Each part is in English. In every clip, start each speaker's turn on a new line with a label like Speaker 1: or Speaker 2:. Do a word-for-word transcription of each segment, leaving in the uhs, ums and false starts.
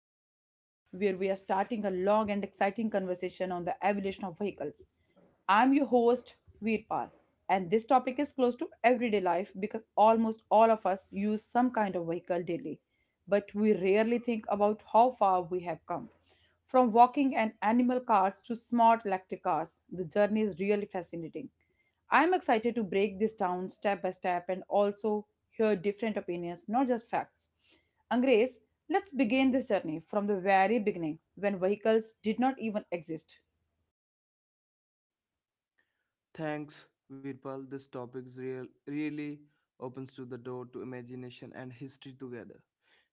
Speaker 1: podcast where we are starting a long and exciting conversation on the evolution of vehicles. I'm your host Veerpal and this topic is close to everyday life because almost all of us use some kind of vehicle daily, but we rarely think about how far we have come. From walking and animal carts to smart electric cars, the journey is really fascinating. I'm excited to break this down step by step and also hear different opinions, not just facts. Angres, let's begin this journey from the very beginning when vehicles did not even exist.
Speaker 2: Thanks, Virpal. This topic is real, really opens to the door to imagination and history together.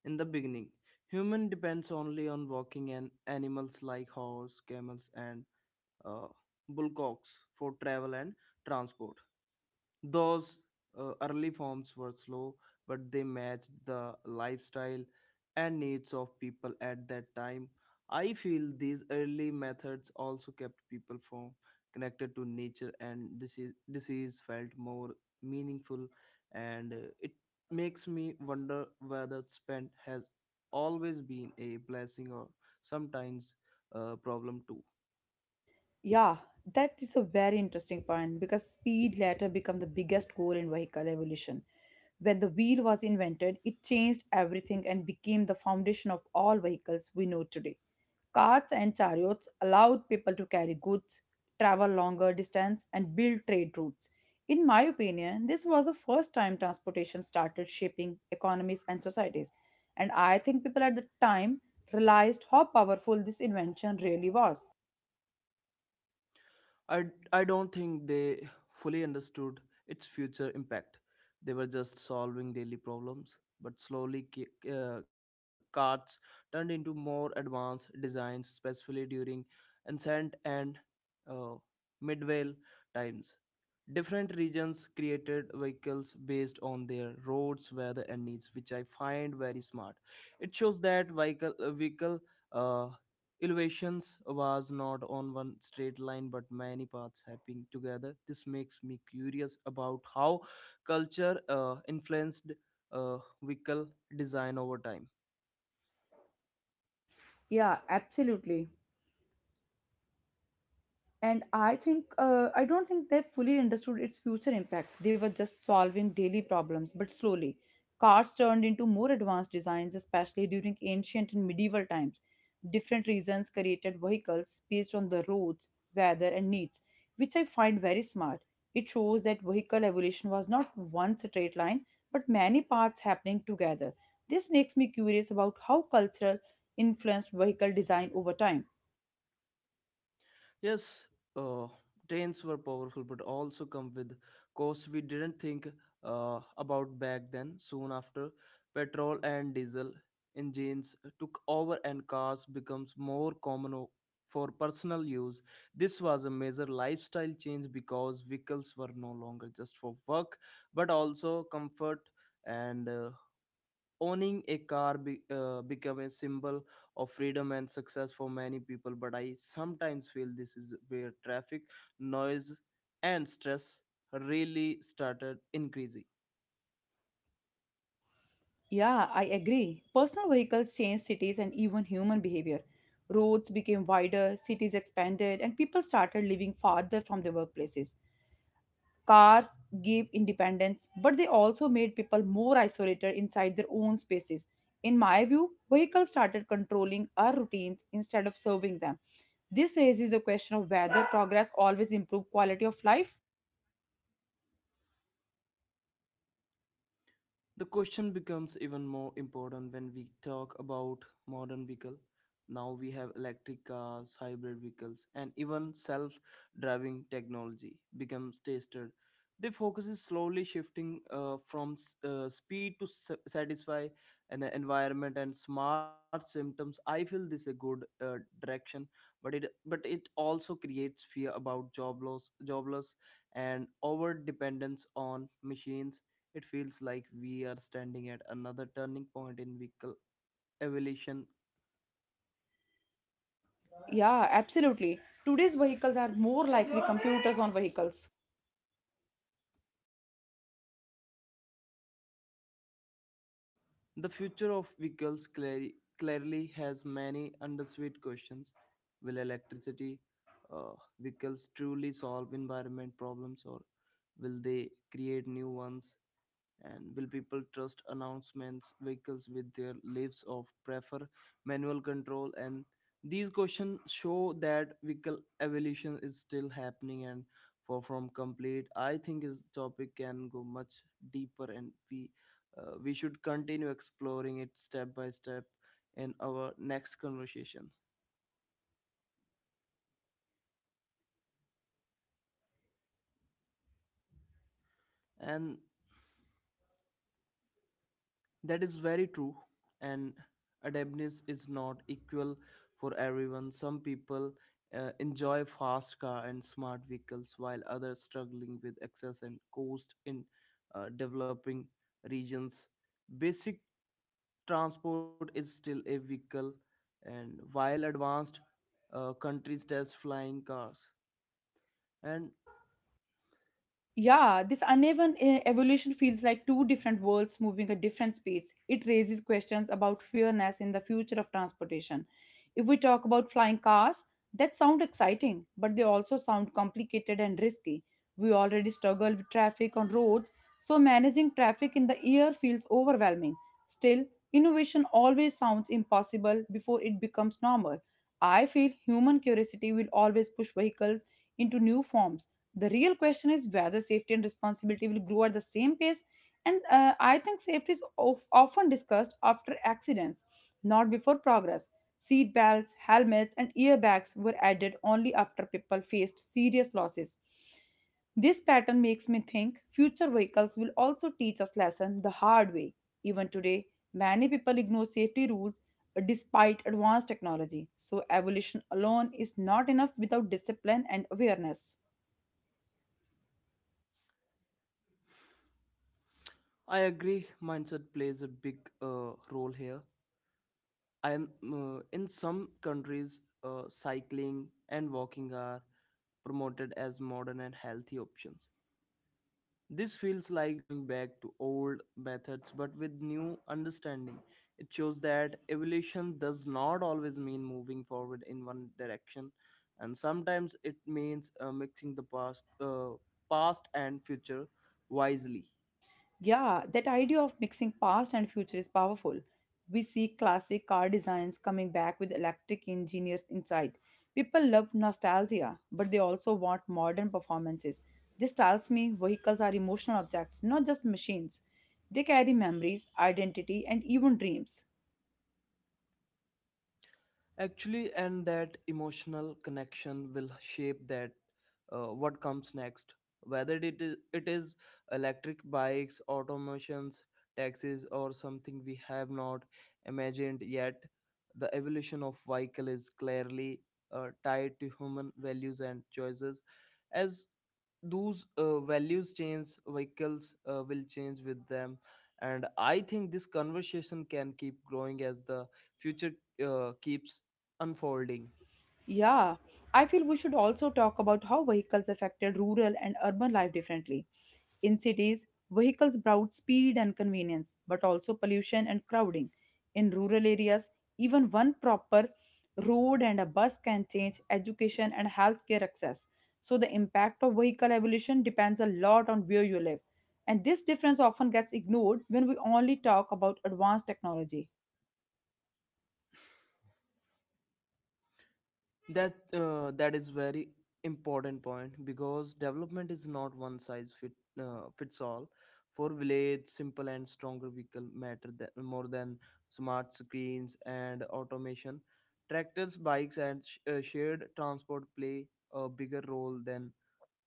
Speaker 2: In the beginning, human depends only on walking and animals like horse, camels, and uh, bullocks for travel and transport. Those uh, early forms were slow, but they matched the lifestyle and needs of people at that time. I feel these early methods also kept people from connected to nature, and disease, disease felt more meaningful. And uh, it makes me wonder whether spent has always been a blessing or sometimes a problem too.
Speaker 1: Yeah, that is a very interesting point because speed later became the biggest goal in vehicle evolution. When the wheel was invented, it changed everything and became the foundation of all vehicles we know today. Carts and chariots allowed people to carry goods, travel longer distance, and build trade routes. In my opinion, this was the first time transportation started shaping economies and societies. And I think people at the time realized how powerful this invention really was.
Speaker 2: I, I don't think they fully understood its future impact. They were just solving daily problems, but slowly ca- uh, carts turned into more advanced designs, especially during ancient and uh, medieval times. Different regions created vehicles based on their roads, weather, and needs, which I find very smart. It shows that vehicle uh, vehicle uh, elevations was not on one straight line but many paths happening together. This makes me curious about how culture uh, influenced uh, vehicle design over time.
Speaker 1: Yeah, absolutely. And I think, uh, I don't think they fully understood its future impact. They were just solving daily problems, but slowly. Cars turned into more advanced designs, especially during ancient and medieval times. Different regions created vehicles based on the roads, weather, and needs, which I find very smart. It shows that vehicle evolution was not one straight line, but many parts happening together. This makes me curious about how cultural influenced vehicle design over time.
Speaker 2: Yes, uh, trains were powerful, but also come with costs we didn't think uh, about back then. Soon after, petrol and diesel engines took over, and cars becomes more common o- for personal use. This was a major lifestyle change because vehicles were no longer just for work, but also comfort and uh, owning a car be, uh, become a symbol of freedom and success for many people. But I sometimes feel this is where traffic noise and stress really started increasing.
Speaker 1: Yeah, I agree. Personal vehicles changed cities and even human behavior. Roads became wider, cities expanded, and people started living farther from their workplaces. Cars gave independence, but they also made people more isolated inside their own spaces. In my view, vehicles started controlling our routines instead of serving them. This raises the question of whether progress always improves quality of life.
Speaker 2: The question becomes even more important when we talk about modern vehicle. Now we have electric cars, hybrid vehicles, and even self-driving technology becomes tested. The focus is slowly shifting uh, from s- uh, speed to s- satisfy an environment and smart symptoms. I feel this a good uh, direction, but it but it also creates fear about job loss, job loss, and over dependence on machines. It feels like we are standing at another turning point in vehicle evolution.
Speaker 1: Yeah, absolutely. Today's vehicles are more likely computers on vehicles.
Speaker 2: The future of vehicles clearly, clearly has many undersweet questions. Will electricity uh, vehicles truly solve environment problems or will they create new ones? And will people trust announcements vehicles with their lives of prefer manual control? And these questions show that vehicle evolution is still happening and far from complete. I think this topic can go much deeper, and we uh, we should continue exploring it step by step in our next conversations. And That is very true, and adaptiveness is not equal for everyone. Some people uh, enjoy fast car and smart vehicles, while others struggling with access and cost in uh, developing regions. Basic transport is still a vehicle, and while advanced uh, countries test flying cars. And
Speaker 1: Yeah, this uneven eh, evolution feels like two different worlds moving at different speeds. It raises questions about fairness in the future of transportation. If we talk about flying cars, that sound exciting, but they also sound complicated and risky. We already struggle with traffic on roads, so managing traffic in the air feels overwhelming. Still, innovation always sounds impossible before it becomes normal. I feel human curiosity will always push vehicles into new forms the real question is whether safety and responsibility will grow at the same pace. And uh, I think safety is of, often discussed after accidents, not before progress. Seat belts, helmets, and earbags were added only after people faced serious losses. This pattern makes me think future vehicles will also teach us lesson the hard way. Even today, many people ignore safety rules despite advanced technology. So evolution alone is not enough without discipline and awareness.
Speaker 2: I agree, mindset plays a big uh, role here. I'm uh, In some countries, uh, cycling and walking are promoted as modern and healthy options. This feels like going back to old methods but with new understanding. It shows that evolution does not always mean moving forward in one direction, and sometimes it means uh, mixing the past, uh, past and future wisely.
Speaker 1: Yeah, that idea of mixing past and future is powerful. We see classic car designs coming back with electric engineers inside. People love nostalgia, but they also want modern performances. This tells me vehicles are emotional objects, not just machines. They carry memories, identity, and even dreams.
Speaker 2: Actually, and that emotional connection will shape that uh, what comes next, whether it is, it is electric bikes, automations, taxis, or something we have not imagined yet. The evolution of vehicle is clearly uh, tied to human values and choices. As those uh, values change, vehicles uh, will change with them, and I think this conversation can keep growing as the future uh, keeps unfolding.
Speaker 1: Yeah, I feel we should also talk about how vehicles affected rural and urban life differently. In cities, vehicles brought speed and convenience, but also pollution and crowding. In rural areas, even one proper road and a bus can change education and healthcare access. So, the impact of vehicle evolution depends a lot on where you live. And this difference often gets ignored when we only talk about advanced technology.
Speaker 2: That uh, that is very important point because development is not one size fit uh, fits all. For village, simple and stronger vehicle matter tha- more than smart screens and automation. Tractors, bikes, and sh- uh, shared transport play a bigger role than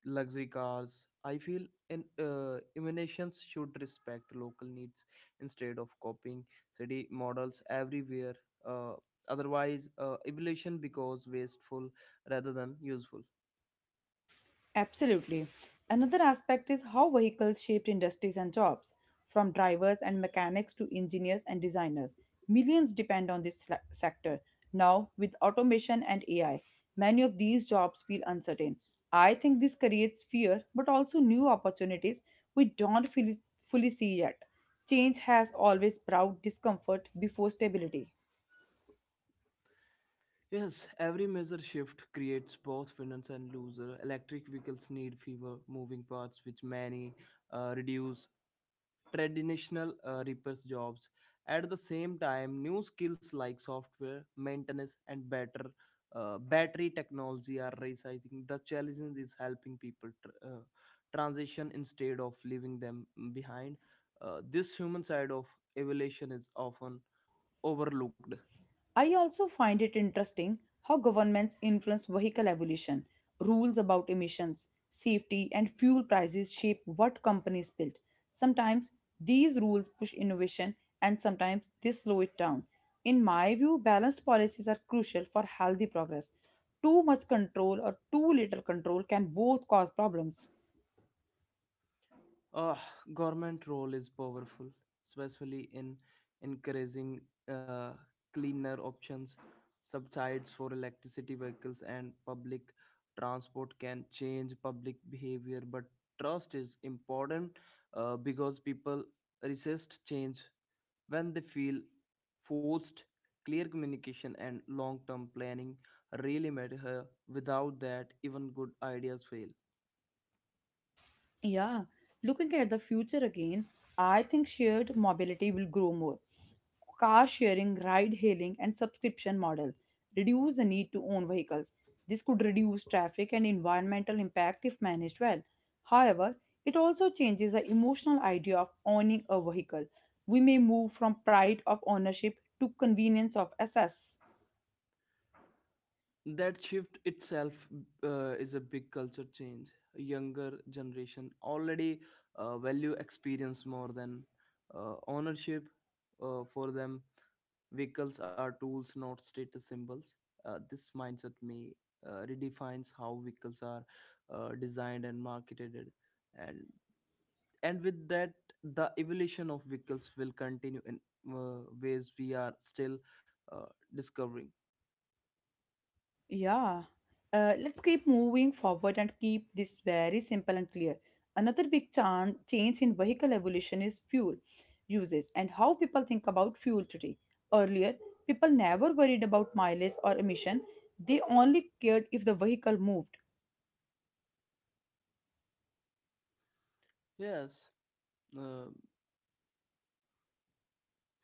Speaker 2: luxury cars. I feel in, uh, emanations should respect local needs instead of copying city models everywhere. Uh, Otherwise, uh, evolution becomes wasteful rather than useful.
Speaker 1: Absolutely. Another aspect is how vehicles shaped industries and jobs. From drivers and mechanics to engineers and designers, millions depend on this sla- sector. Now, with automation and A I, many of these jobs feel uncertain. I think this creates fear, but also new opportunities we don't fully fully see yet. Change has always brought discomfort before stability.
Speaker 2: Yes, every major shift creates both winners and losers. Electric vehicles need fewer moving parts, which many uh, reduce traditional uh, repairs jobs. At the same time, new skills like software maintenance and better uh, battery technology are rising. The challenge is helping people tr- uh, transition instead of leaving them behind. Uh, this human side of evolution is often overlooked.
Speaker 1: I also find it interesting how governments influence vehicle evolution. Rules about emissions, safety, and fuel prices shape what companies build. Sometimes these rules push innovation and sometimes they slow it down. In my view, balanced policies are crucial for healthy progress. Too much control or too little control can both cause problems.
Speaker 2: Uh, Government role is powerful, especially in encouraging uh, cleaner options. Subsidies for electricity vehicles and public transport can change public behavior, but trust is important uh, because people resist change when they feel forced. Clear communication and long term planning really matter. Without that, even good ideas fail.
Speaker 1: Yeah, looking at the future again, I think shared mobility will grow more. Car sharing, ride hailing, and subscription models reduce the need to own vehicles. This could reduce traffic and environmental impact if managed well. However, it also changes the emotional idea of owning a vehicle. We may move from pride of ownership to convenience of access.
Speaker 2: That shift itself uh, is a big culture change. A younger generation already uh, value experience more than uh, ownership. Uh, for them, vehicles are tools, not status symbols. Uh, this mindset may uh, redefines how vehicles are uh, designed and marketed. And and with that, the evolution of vehicles will continue in uh, ways we are still uh, discovering.
Speaker 1: Yeah. Uh, let's keep moving forward and keep this very simple and clear. Another big chan- change in vehicle evolution is fuel uses and how people think about fuel today. Earlier, people never worried about mileage or emission, they only cared if the vehicle moved.
Speaker 2: Yes, uh,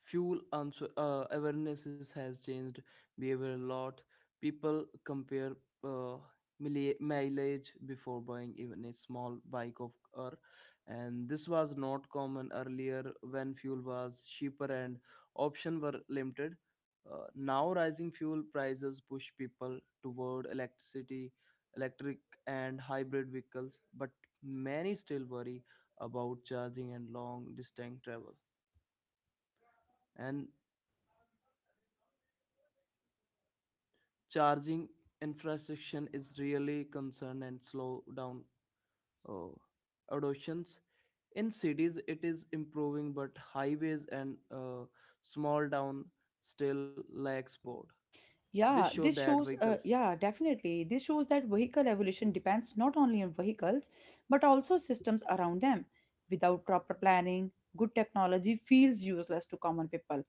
Speaker 2: fuel answer, uh, awarenesses has changed behavior a lot. People compare uh, mili- mileage before buying even a small bike of car, and this was not common earlier when fuel was cheaper and options were limited. Uh, now rising fuel prices push people toward electricity electric and hybrid vehicles, but many still worry about charging and long distance travel. And charging infrastructure is really concerned and slow down uh, adoptions. In cities it is improving, but highways and uh, small town still lacks board. This
Speaker 1: Yeah,
Speaker 2: show
Speaker 1: this
Speaker 2: that
Speaker 1: shows,
Speaker 2: vehicle
Speaker 1: uh, yeah, definitely. This shows that vehicle evolution depends not only on vehicles, but also systems around them. Without proper planning, good technology feels useless to common people.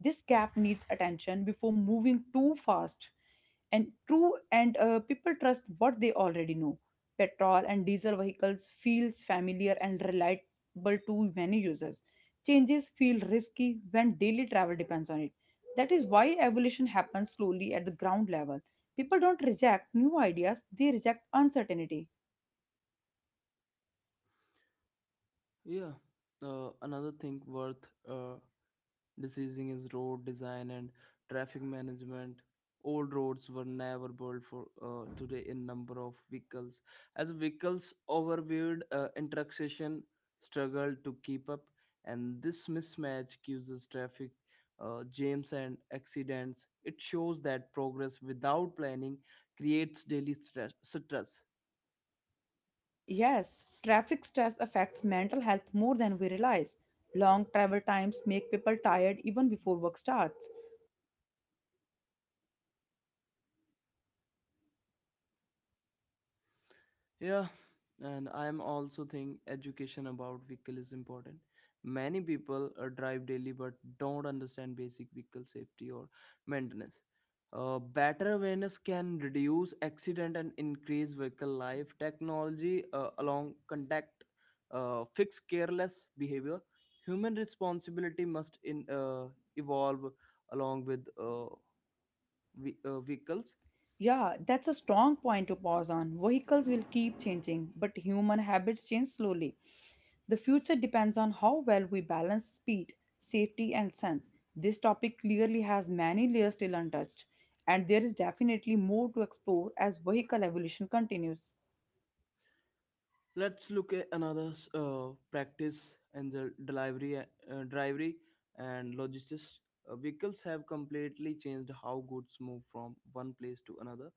Speaker 1: This gap needs attention before moving too fast. And true, and uh, people trust what they already know. Petrol and diesel vehicles feels familiar and reliable to many users. Changes feel risky when daily travel depends on it that is why evolution happens slowly at the ground level. People don't reject new ideas, they reject uncertainty.
Speaker 2: yeah, uh, another thing worth uh, Decision is road design and traffic management. Old roads were never built for uh, today in number of vehicles. As vehicles overweight uh, intersection struggled to keep up, and this mismatch causes traffic uh, jams and accidents. It shows that progress without planning creates daily stress. stress.
Speaker 1: Yes, traffic stress affects mental health more than we realize. Long travel times make people tired even before work starts.
Speaker 2: Yeah, and I'm also think education about vehicle is important. Many people uh, drive daily but don't understand basic vehicle safety or maintenance. Uh, better awareness can reduce accident and increase vehicle life. Technology uh, along contact uh, fix careless behavior. Human responsibility must in uh, evolve along with uh, ve- uh, vehicles.
Speaker 1: Yeah, that's a strong point to pause on. Vehicles will keep changing, but human habits change slowly. The future depends on how well we balance speed, safety, and sense. This topic clearly has many layers still untouched, and there is definitely more to explore as vehicle evolution continues.
Speaker 2: Let's look at another uh, practice and the delivery, uh, delivery and logistics. Uh, vehicles have completely changed how goods move from one place to another,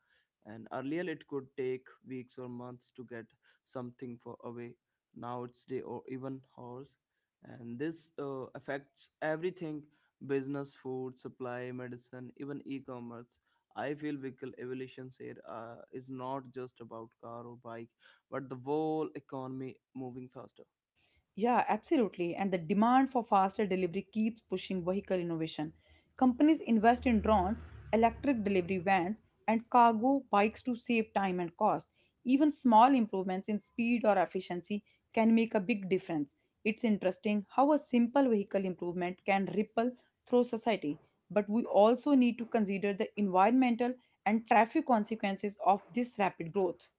Speaker 2: and earlier it could take weeks or months to get something for away. Now it's day or even hours, and this uh, affects everything: business, food, supply, medicine, even e-commerce. I feel vehicle evolution here uh, is not just about car or bike but the whole economy moving faster.
Speaker 1: Yeah, absolutely. And the demand for faster delivery keeps pushing vehicle innovation. Companies invest in drones, electric delivery vans, and cargo bikes to save time and cost. Even small improvements in speed or efficiency can make a big difference. It's interesting how a simple vehicle improvement can ripple through society. But we also need to consider the environmental and traffic consequences of this rapid growth.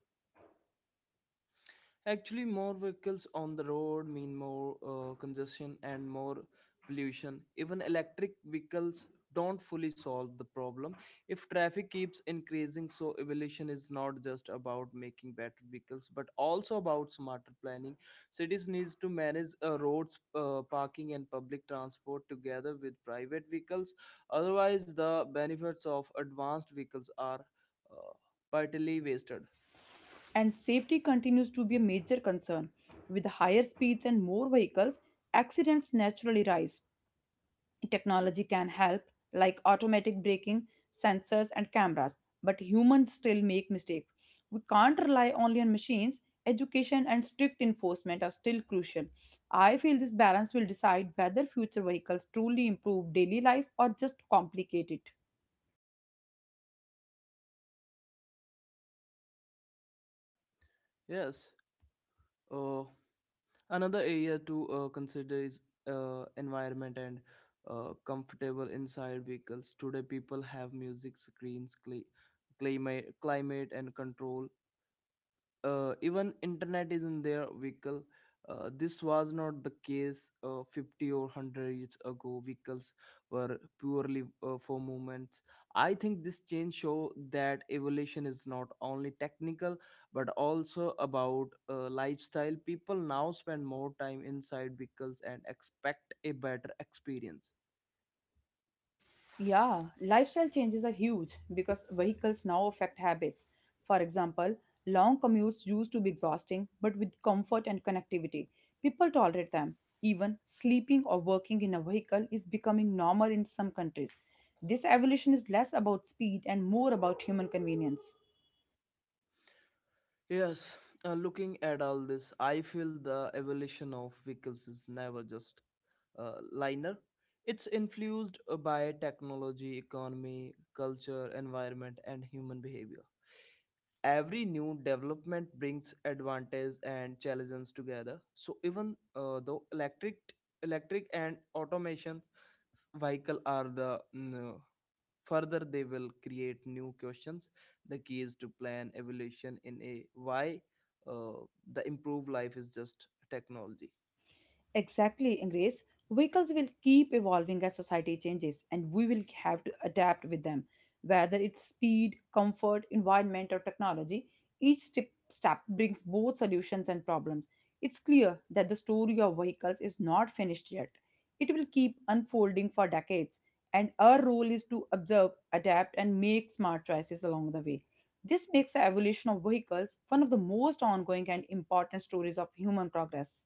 Speaker 2: Actually, more vehicles on the road mean more uh, congestion and more pollution. Even electric vehicles don't fully solve the problem. If traffic keeps increasing, so evolution is not just about making better vehicles, but also about smarter planning. Cities needs to manage uh, roads, uh, parking, and public transport together with private vehicles. Otherwise, the benefits of advanced vehicles are uh, partly wasted.
Speaker 1: And safety continues to be a major concern. With higher speeds and more vehicles, accidents naturally rise. Technology can help, like automatic braking, sensors, and cameras, but humans still make mistakes. We can't rely only on machines. Education and strict enforcement are still crucial. I feel this balance will decide whether future vehicles truly improve daily life or just complicate it.
Speaker 2: Yes. Uh, Another area to uh, consider is uh, environment and uh, comfortable inside vehicles. Today, people have music, screens, cli- climate, climate, and control, uh, even internet is in their vehicle. Uh, this was not the case uh, fifty or one hundred years ago. Vehicles were purely uh, for movements. I think this change show that evolution is not only technical but also about uh, lifestyle. People now spend more time inside vehicles and expect a better experience.
Speaker 1: Yeah, lifestyle changes are huge because vehicles now affect habits. For example, long commutes used to be exhausting, but with comfort and connectivity, people tolerate them. Even sleeping or working in a vehicle is becoming normal in some countries. This evolution is less about speed and more about human convenience.
Speaker 2: Yes, uh, looking at all this I feel the evolution of vehicles is never just uh, liner. It's influenced uh, by technology, economy, culture, environment, and human behavior. Every new development brings advantage and challenges together. So even uh, though electric, electric and automation vehicle are the mm, further they will create new questions. The key is to plan evolution in a why uh, the improved life is just technology.
Speaker 1: Exactly, Grace. Vehicles will keep evolving as society changes, and we will have to adapt with them. Whether it's speed, comfort, environment, or technology, each step, step brings both solutions and problems. It's clear that the story of vehicles is not finished yet. It will keep unfolding for decades, and our role is to observe, adapt, and make smart choices along the way. This makes the evolution of vehicles one of the most ongoing and important stories of human progress.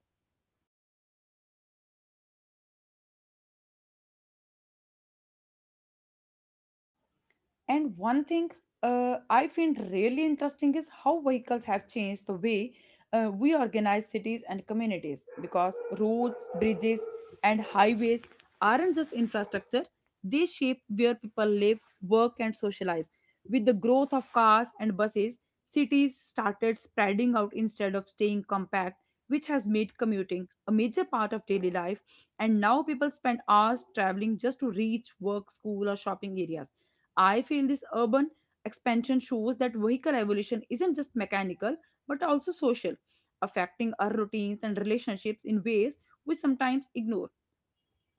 Speaker 1: And one thing uh, I find really interesting is how vehicles have changed the way uh, we organize cities and communities because roads, bridges, and highways aren't just infrastructure, they shape where people live, work, and socialize. With the growth of cars and buses, cities started spreading out instead of staying compact, which has made commuting a major part of daily life. And now people spend hours traveling just to reach work, school, or shopping areas. I feel this urban expansion shows that vehicle evolution isn't just mechanical but also social, affecting our routines and relationships in ways we sometimes ignore.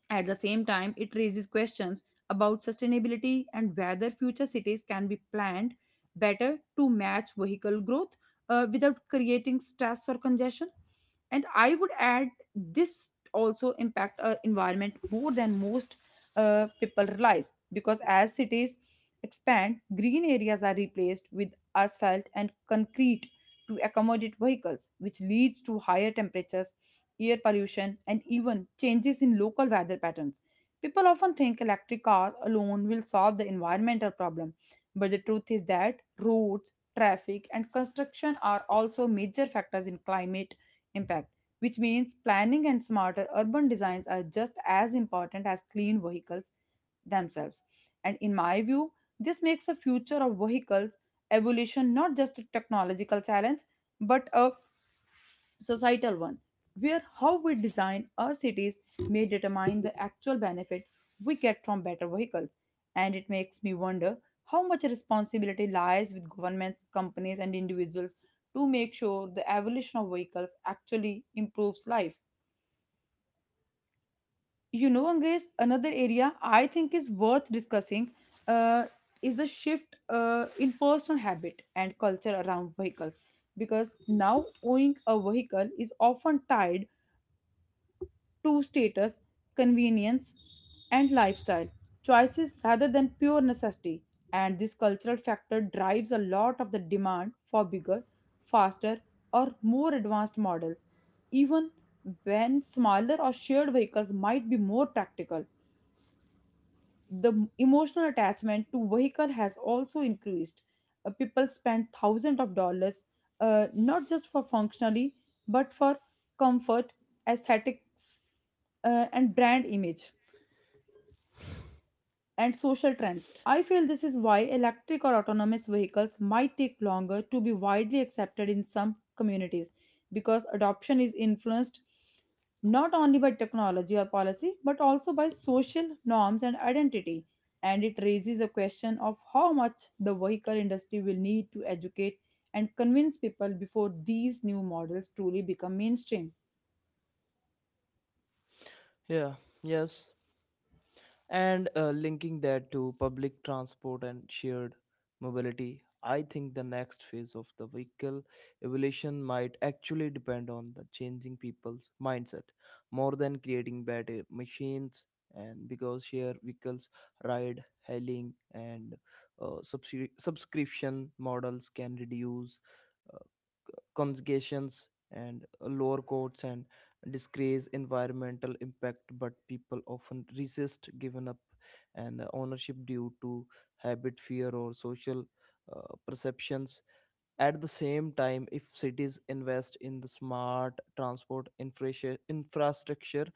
Speaker 1: At the same time, it raises questions about sustainability and whether future cities can be planned better to match vehicle growth uh, without creating stress or congestion. And I would add this also impact our environment more than most uh, people realize because as cities expand, green areas are replaced with asphalt and concrete to accommodate vehicles, which leads to higher temperatures air pollution, and even changes in local weather patterns. People often think electric cars alone will solve the environmental problem, but the truth is that roads, traffic, and construction are also major factors in climate impact, which means planning and smarter urban designs are just as important as clean vehicles themselves. And in my view, this makes the future of vehicles evolution not just a technological challenge, but a societal one, where how we design our cities may determine the actual benefit we get from better vehicles. And it makes me wonder how much responsibility lies with governments, companies, and individuals to make sure the evolution of vehicles actually improves life. You know, Angres, another area I think is worth discussing uh, is the shift uh, in personal habit and culture around vehicles because now owning a vehicle is often tied to status, convenience, and lifestyle choices rather than pure necessity. And this cultural factor drives a lot of the demand for bigger, faster, or more advanced models, even when smaller or shared vehicles might be more practical. The m- emotional attachment to vehicle has also increased. Uh, people spend thousands of dollars uh, not just for functionally but for comfort, aesthetics, uh, and brand image and social trends. I feel this is why electric or autonomous vehicles might take longer to be widely accepted in some communities because adoption is influenced not only by technology or policy but also by social norms and identity. And it raises the question of how much the vehicle industry will need to educate and convince people before these new models truly become mainstream.
Speaker 2: Yeah. Yes. And uh, linking that to public transport and shared mobility, I think the next phase of the vehicle evolution might actually depend on the changing people's mindset more than creating better machines. And because shared vehicles, ride hailing, and uh, subscri- subscription models can reduce uh, conjugations and uh, lower courts and disgrace environmental impact, but people often resist given up and uh, ownership due to habit, fear, or social uh, perceptions. At the same time, if cities invest in the smart transport infra infrastructure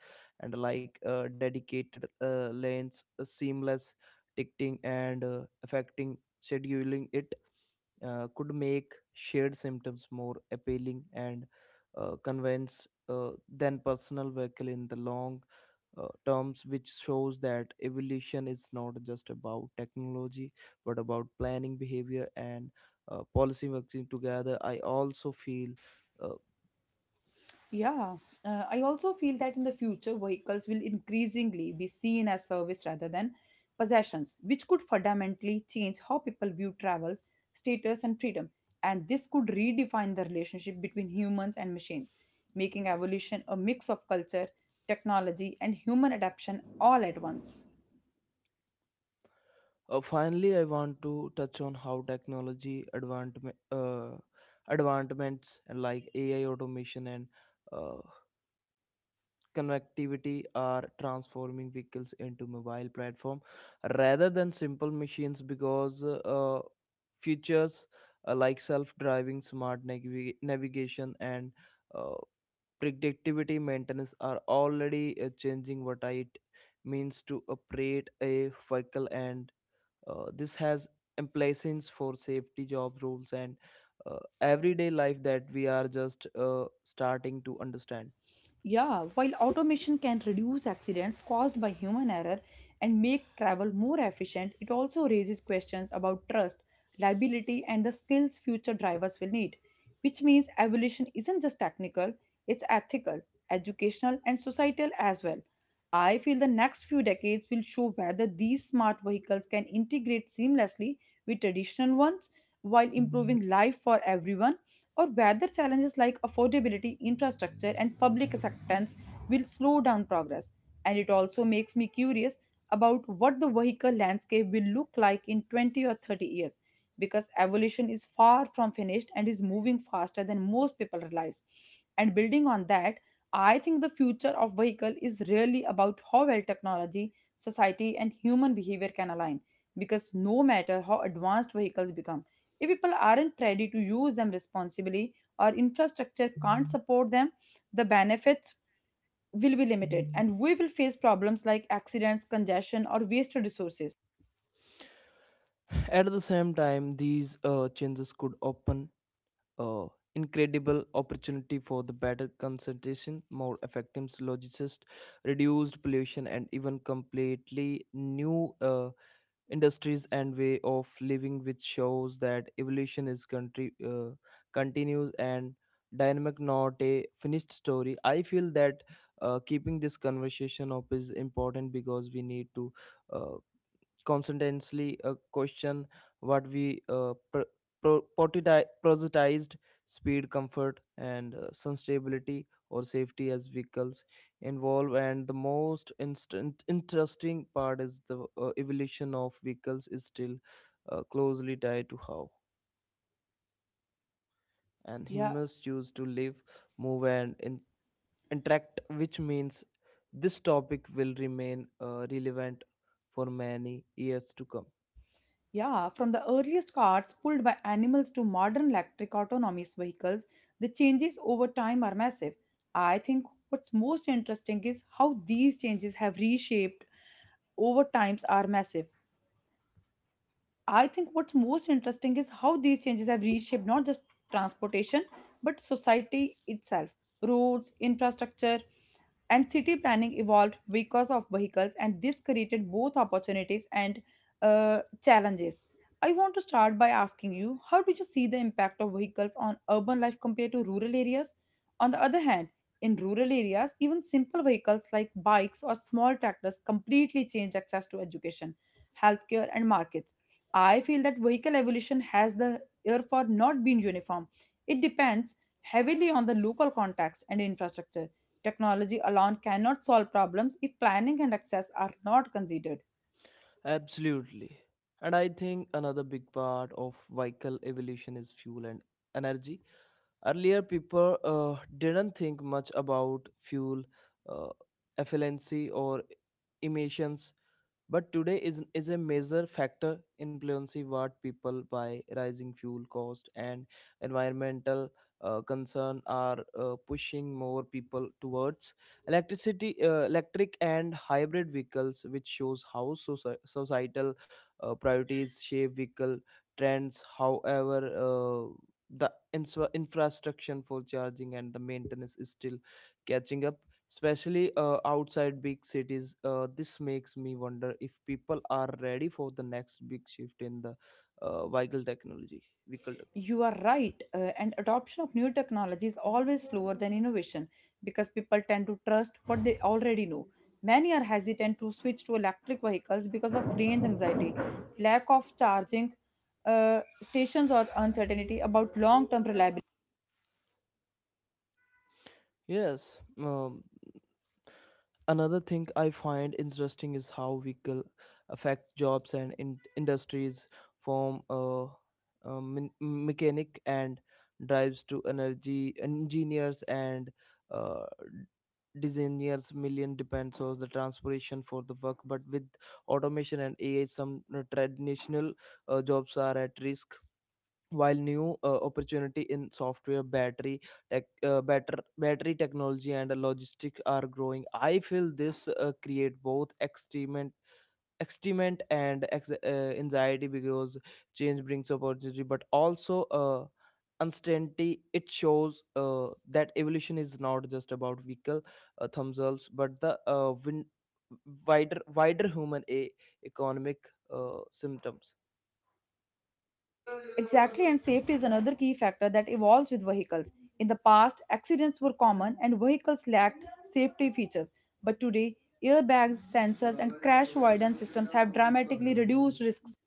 Speaker 2: and like uh, dedicated uh, lanes, uh, seamless ticketing, and uh, affecting scheduling, it uh, could make shared symptoms more appealing and uh, convince uh, than personal vehicle in the long uh, terms, which shows that evolution is not just about technology but about planning, behavior, and uh, policy working together. I also feel uh,
Speaker 1: Yeah, uh, I also feel that in the future, vehicles will increasingly be seen as service rather than possessions, which could fundamentally change how people view travels, status, and freedom. And this could redefine the relationship between humans and machines, making evolution a mix of culture, technology, and human adaptation all at once.
Speaker 2: uh, finally I want to touch on how technology advancement uh, advancements like AI, automation, and uh, connectivity are transforming vehicles into mobile platform rather than simple machines, because uh, features uh, like self-driving smart navi- navigation and uh, predictivity maintenance are already uh, changing what it means to operate a vehicle. And uh, this has implications for safety, job rules, and uh, everyday life that we are just uh, starting to understand.
Speaker 1: Yeah, while automation can reduce accidents caused by human error and make travel more efficient, it also raises questions about trust, liability, and the skills future drivers will need. Which means evolution isn't just technical, it's ethical, educational, and societal as well. I feel the next few decades will show whether these smart vehicles can integrate seamlessly with traditional ones while improving life for everyone or whether challenges like affordability, infrastructure, and public acceptance will slow down progress. And it also makes me curious about what the vehicle landscape will look like in twenty or thirty years because evolution is far from finished and is moving faster than most people realize. And building on that, I think the future of vehicle is really about how well technology, society, and human behavior can align because no matter how advanced vehicles become if people aren't ready to use them responsibly or infrastructure can't support them, the benefits will be limited and we will face problems like accidents, congestion, or wasted resources.
Speaker 2: At the same time, these uh, changes could open uh, incredible opportunity for the better concentration, more effective logistics, reduced pollution, and even completely new uh, industries and way of living, which shows that evolution is country uh, continues and dynamic, not a finished story. I feel that uh, keeping this conversation up is important, because we need to uh, constantly uh, question what we uh, pr- pro- prioritized prioritized speed, comfort, and uh, sustainability or safety as vehicles involve. And the most instant interesting part is the uh, evolution of vehicles is still uh, closely tied to how and
Speaker 1: Yeah,
Speaker 2: humans choose to live, move, and in- interact, which means this topic will remain uh, relevant for many years to come.
Speaker 1: yeah, from the earliest carts pulled by animals to modern electric autonomous vehicles, the changes over time are massive. I think what's most interesting is how these changes have reshaped over times are massive. I think what's most interesting is how these changes have reshaped not just transportation but society itself. Roads, infrastructure, and city planning evolved because of vehicles and this created both opportunities and uh, challenges. I want to start by asking you, how do you see the impact of vehicles on urban life compared to rural areas? On the other hand, in rural areas, even simple vehicles like bikes or small tractors completely change access to education, healthcare, and markets. I feel that vehicle evolution has the therefore not been uniform. It depends heavily on the local context and infrastructure. Technology alone cannot solve problems if planning and access are not considered.
Speaker 2: Absolutely. And I think another big part of vehicle evolution is fuel and energy. Earlier, people uh, didn't think much about fuel uh, efficiency or emissions, but today is, is a major factor influencing what people buy. Rising fuel cost and environmental uh, concern are uh, pushing more people towards electricity, uh, electric and hybrid vehicles, which shows how soci- societal uh, priorities shape vehicle trends. However, uh, the infra- infrastructure for charging and the maintenance is still catching up, especially uh, outside big cities. Uh, this makes me wonder if people are ready for the next big shift in the uh, vehicle technology vehicle tech-
Speaker 1: You are right, uh, and adoption of new technology is always slower than innovation because people tend to trust what they already know. Many are hesitant to switch to electric vehicles because of range anxiety, lack of charging uh, stations, or uncertainty about long term reliability.
Speaker 2: yes um, Another thing I find interesting is how vehicle affect jobs and in- industries, from uh, uh, me- mechanic and drives to energy engineers and uh, designers. Million depends on the transportation for the work, but with automation and A I, some traditional uh, jobs are at risk, while new uh, opportunity in software, battery tech uh, batter, battery technology, and logistics are growing. I feel this uh, create both extreme extrement and ex- uh, anxiety, because change brings opportunity but also uh, uncertainty. It shows uh, that evolution is not just about vehicle uh, themselves but the uh, win- wider wider human a- economic uh, symptoms.
Speaker 1: Exactly, and safety is another key factor that evolves with vehicles. In the past, accidents were common and vehicles lacked safety features. But today, airbags, sensors, and crash avoidance systems have dramatically reduced risks.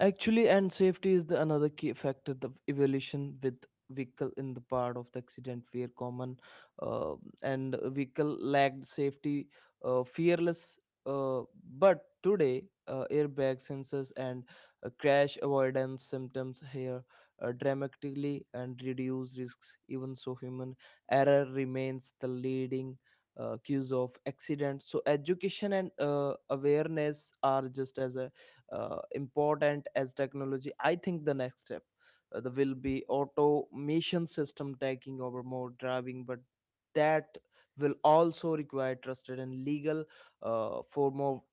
Speaker 2: Actually, and safety is the another key factor. The evaluation with vehicle in the part of the accident where common uh, and vehicle lacked safety, uh, fearless. Uh, but today, uh, airbag sensors and uh, crash avoidance symptoms here uh, dramatically and reduce risks. Even so, human error remains the leading. Uh, cues of accident, so education and uh, awareness are just as uh, important as technology. I think the next step uh, there will be automation system taking over more driving, but that will also require trusted and legal uh, for more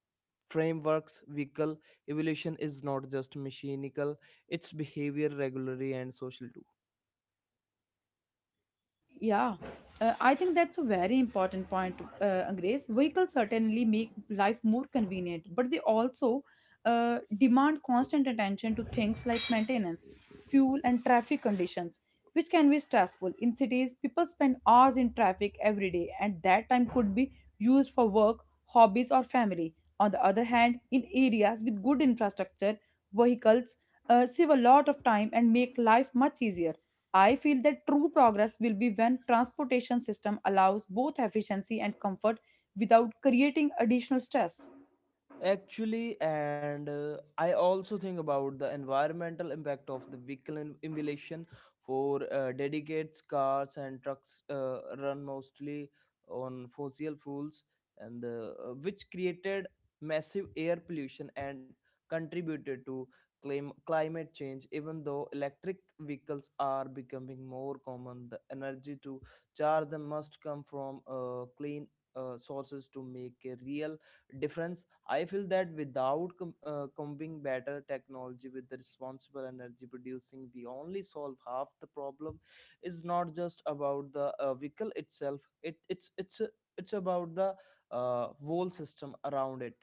Speaker 2: frameworks. Vehicle evolution is not just mechanical, it's behavior, regulatory, and social too.
Speaker 1: Yeah, uh, I think that's a very important point, uh, Grace. Vehicles certainly make life more convenient, but they also uh, demand constant attention to things like maintenance, fuel, and traffic conditions, which can be stressful. In cities, people spend hours in traffic every day, and that time could be used for work, hobbies, or family. On the other hand, in areas with good infrastructure, vehicles uh, save a lot of time and make life much easier. I feel that true progress will be when transportation system allows both efficiency and comfort without creating additional stress.
Speaker 2: Actually, and uh, I also think about the environmental impact of the vehicle in- emulation for uh, dedicates cars and trucks uh, run mostly on fossil fuels, and uh, uh, which created massive air pollution and contributed to claim climate change. Even though electric vehicles are becoming more common, the energy to charge them must come from uh, clean uh, sources to make a real difference. I feel that without com- uh, combining better technology with the responsible energy producing, we only solve half the problem. It's not just about the uh, vehicle itself. It it's it's it's about the uh, whole system around it.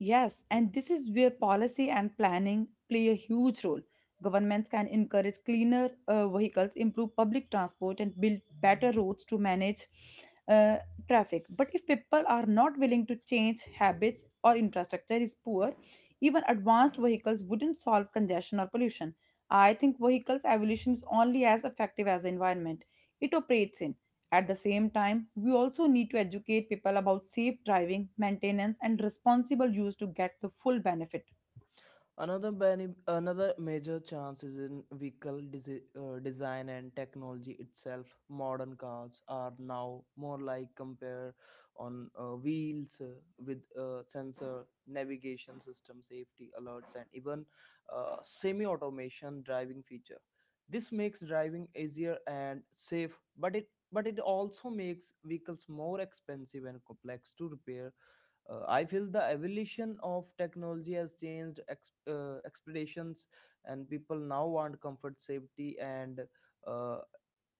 Speaker 1: Yes, and this is where policy and planning play a huge role. Governments can encourage cleaner uh, vehicles, improve public transport, and build better roads to manage uh, traffic. But if people are not willing to change habits or infrastructure is poor, even advanced vehicles wouldn't solve congestion or pollution. I think vehicles' evolution is only as effective as the environment it operates in. At the same time, we also need to educate people about safe driving, maintenance, and responsible use to get the full benefit.
Speaker 2: Another bene- another major chance is in vehicle desi- uh, design and technology itself. Modern cars are now more like compare on uh, wheels uh, with uh, sensor, navigation system, safety alerts, and even uh, semi-automation driving feature. This makes driving easier and safe, but it but it also makes vehicles more expensive and complex to repair. uh, I feel the evolution of technology has changed ex- uh, expectations, and people now want comfort, safety, and uh,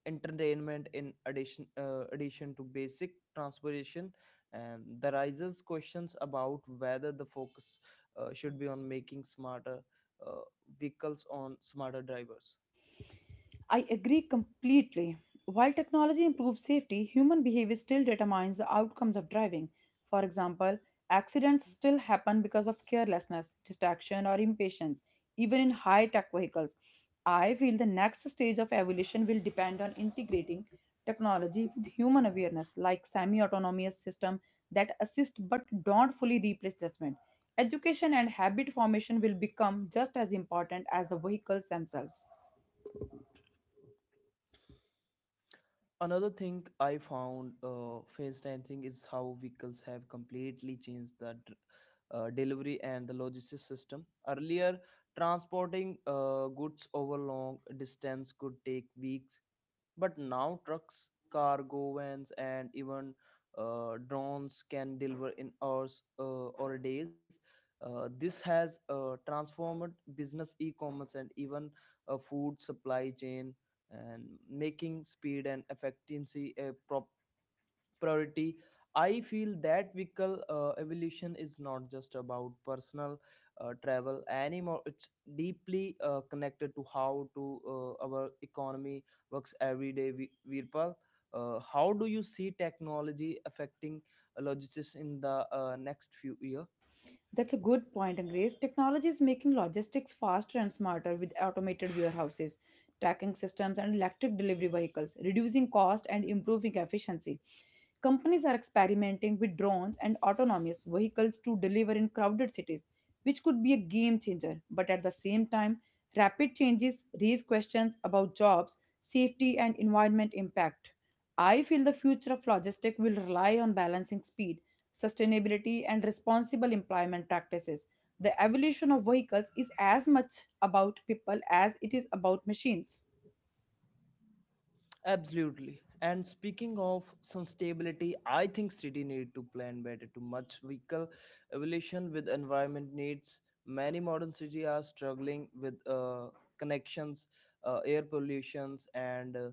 Speaker 2: entertainment in addition uh, addition to basic transportation. And the rises questions about whether the focus uh, should be on making smarter uh, vehicles on smarter drivers.
Speaker 1: I agree completely. While technology improves safety, human behavior still determines the outcomes of driving. For example, accidents still happen because of carelessness, distraction, or impatience, even in high tech vehicles. I feel the next stage of evolution will depend on integrating technology with human awareness, like semi autonomous systems that assist but don't fully replace judgment. Education and habit formation will become just as important as the vehicles themselves.
Speaker 2: Another thing I found uh, face dancing is how vehicles have completely changed the dr- uh, delivery and the logistics system. Earlier, transporting uh, goods over long distance could take weeks, but now trucks, cargo vans, and even uh, drones can deliver in hours uh, or days. Uh, this has uh, transformed business, e-commerce, and even a food supply chain, and making speed and efficiency a pro- priority. I feel that vehicle uh, evolution is not just about personal uh, travel anymore, it's deeply uh, connected to how to uh, our economy works every day. Vi- Virpal, uh, how do you see technology affecting uh, logistics in the uh, next few years?
Speaker 1: That's a good point, Grace. Technology is making logistics faster and smarter with automated warehouses, tracking systems, and electric delivery vehicles, reducing cost and improving efficiency. Companies are experimenting with drones and autonomous vehicles to deliver in crowded cities, which could be a game changer. But at the same time, rapid changes raise questions about jobs, safety, and environment impact. I feel the future of logistics will rely on balancing speed, sustainability, and responsible employment practices. The evolution of vehicles is as much about people as it is about machines.
Speaker 2: Absolutely. And speaking of sustainability, I think city need to plan better to match vehicle evolution with environment needs. Many modern city are struggling with uh, connections, uh, air pollutions, and uh,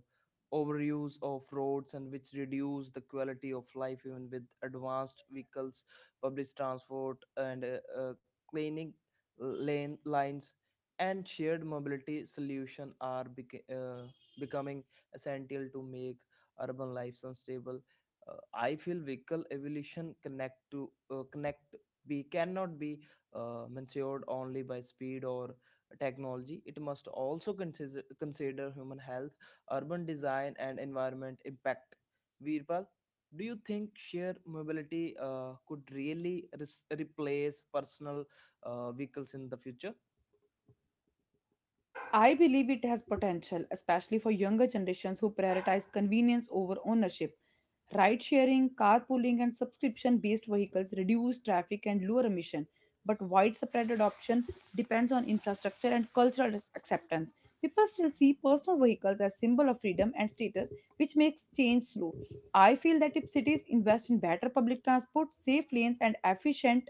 Speaker 2: overuse of roads, and which reduce the quality of life. Even with advanced vehicles, public transport, and uh, uh, cleaning lane lines, and shared mobility solution are beca- uh, becoming essential to make urban life sustainable. Uh, I feel vehicle evolution connect to uh, connect be cannot be uh, measured only by speed or technology. It must also consider consider human health, urban design, and environment impact. Virpal, do you think shared mobility uh, could really res- replace personal uh, vehicles in the future?
Speaker 1: I believe it has potential, especially for younger generations who prioritize convenience over ownership. Ride sharing, carpooling, and subscription based vehicles reduce traffic and lower emission, but widespread adoption depends on infrastructure and cultural ac- acceptance. People still see personal vehicles as symbol of freedom and status, which makes change slow. I feel that if cities invest in better public transport, safe lanes, and efficient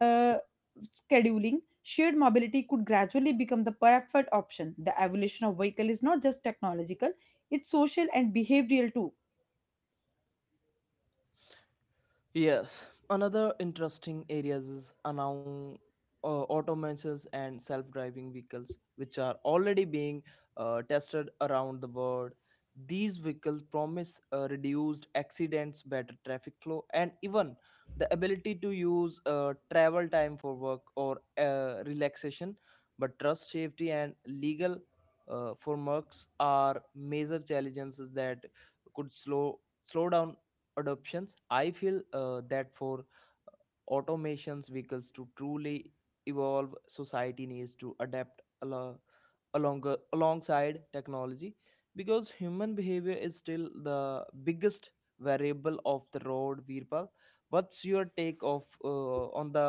Speaker 1: uh, scheduling, shared mobility could gradually become the preferred option. The evolution of vehicle is not just technological, it's social and behavioral too.
Speaker 2: Yes, another interesting areas is around uh, automations and self-driving vehicles, which are already being uh, tested around the world. These vehicles promise uh, reduced accidents, better traffic flow, and even the ability to use uh, travel time for work or uh, relaxation. But trust, safety, and legal uh, frameworks are major challenges that could slow slow down adoptions. I feel uh, that for automations vehicles to truly evolve, society needs to adapt alo- along alongside technology, because human behavior is still the biggest variable of the road. Virpal, what's your take of uh, on the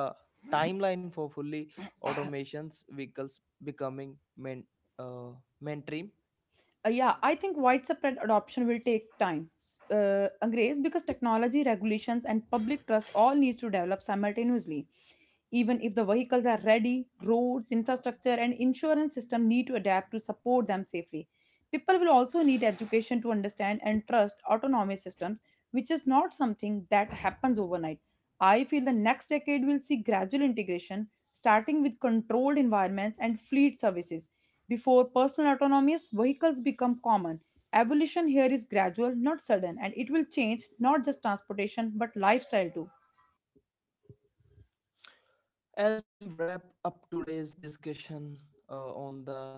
Speaker 2: timeline for fully automations vehicles becoming main uh, mainstream?
Speaker 1: Uh, yeah, I think widespread adoption will take time, S- uh, Grace, because technology, regulations, and public trust all need to develop simultaneously. Even if the vehicles are ready, roads, infrastructure, and insurance system need to adapt to support them safely. People will also need education to understand and trust autonomous systems, which is not something that happens overnight. I feel the next decade will see gradual integration, starting with controlled environments and fleet services before personal autonomous vehicles become common. Evolution here is gradual, not sudden, and it will change not just transportation but lifestyle too.
Speaker 2: As we wrap up today's discussion uh, on the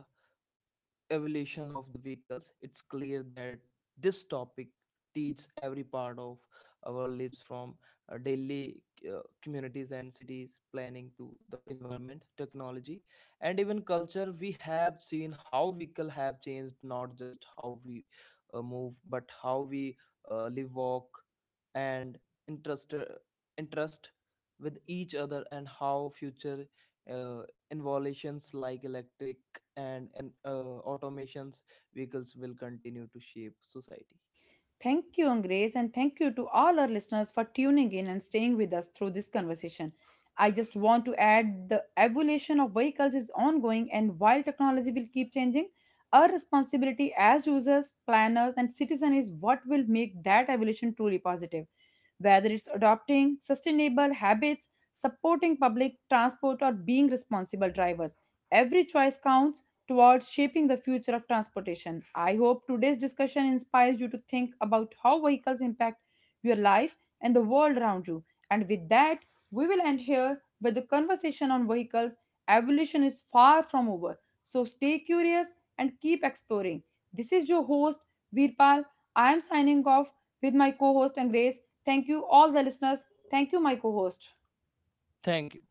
Speaker 2: evolution of the vehicles, it's clear that this topic teaches every part of our lives, from uh, daily uh, communities and cities planning to the environment, technology, and even culture. We have seen how vehicle have changed not just how we uh, move, but how we uh, live, walk, and interest, uh, interest with each other, and how future uh, innovations like electric and, and uh, automations vehicles will continue to shape society.
Speaker 1: Thank you, Grace, and thank you to all our listeners for tuning in and staying with us through this conversation. I just want to add the evolution of vehicles is ongoing, and while technology will keep changing, our responsibility as users, planners, and citizens is what will make that evolution truly positive. Whether it's adopting sustainable habits, supporting public transport, or being responsible drivers, every choice counts towards shaping the future of transportation. I hope today's discussion inspires you to think about how vehicles impact your life and the world around you. And with that, we will end here. But the conversation on vehicles. Evolution is far from over. So stay curious and keep exploring. This is your host, Veerpal. I am signing off with my co host and Grace. Thank you, all the listeners. Thank you, my co host.
Speaker 2: Thank you.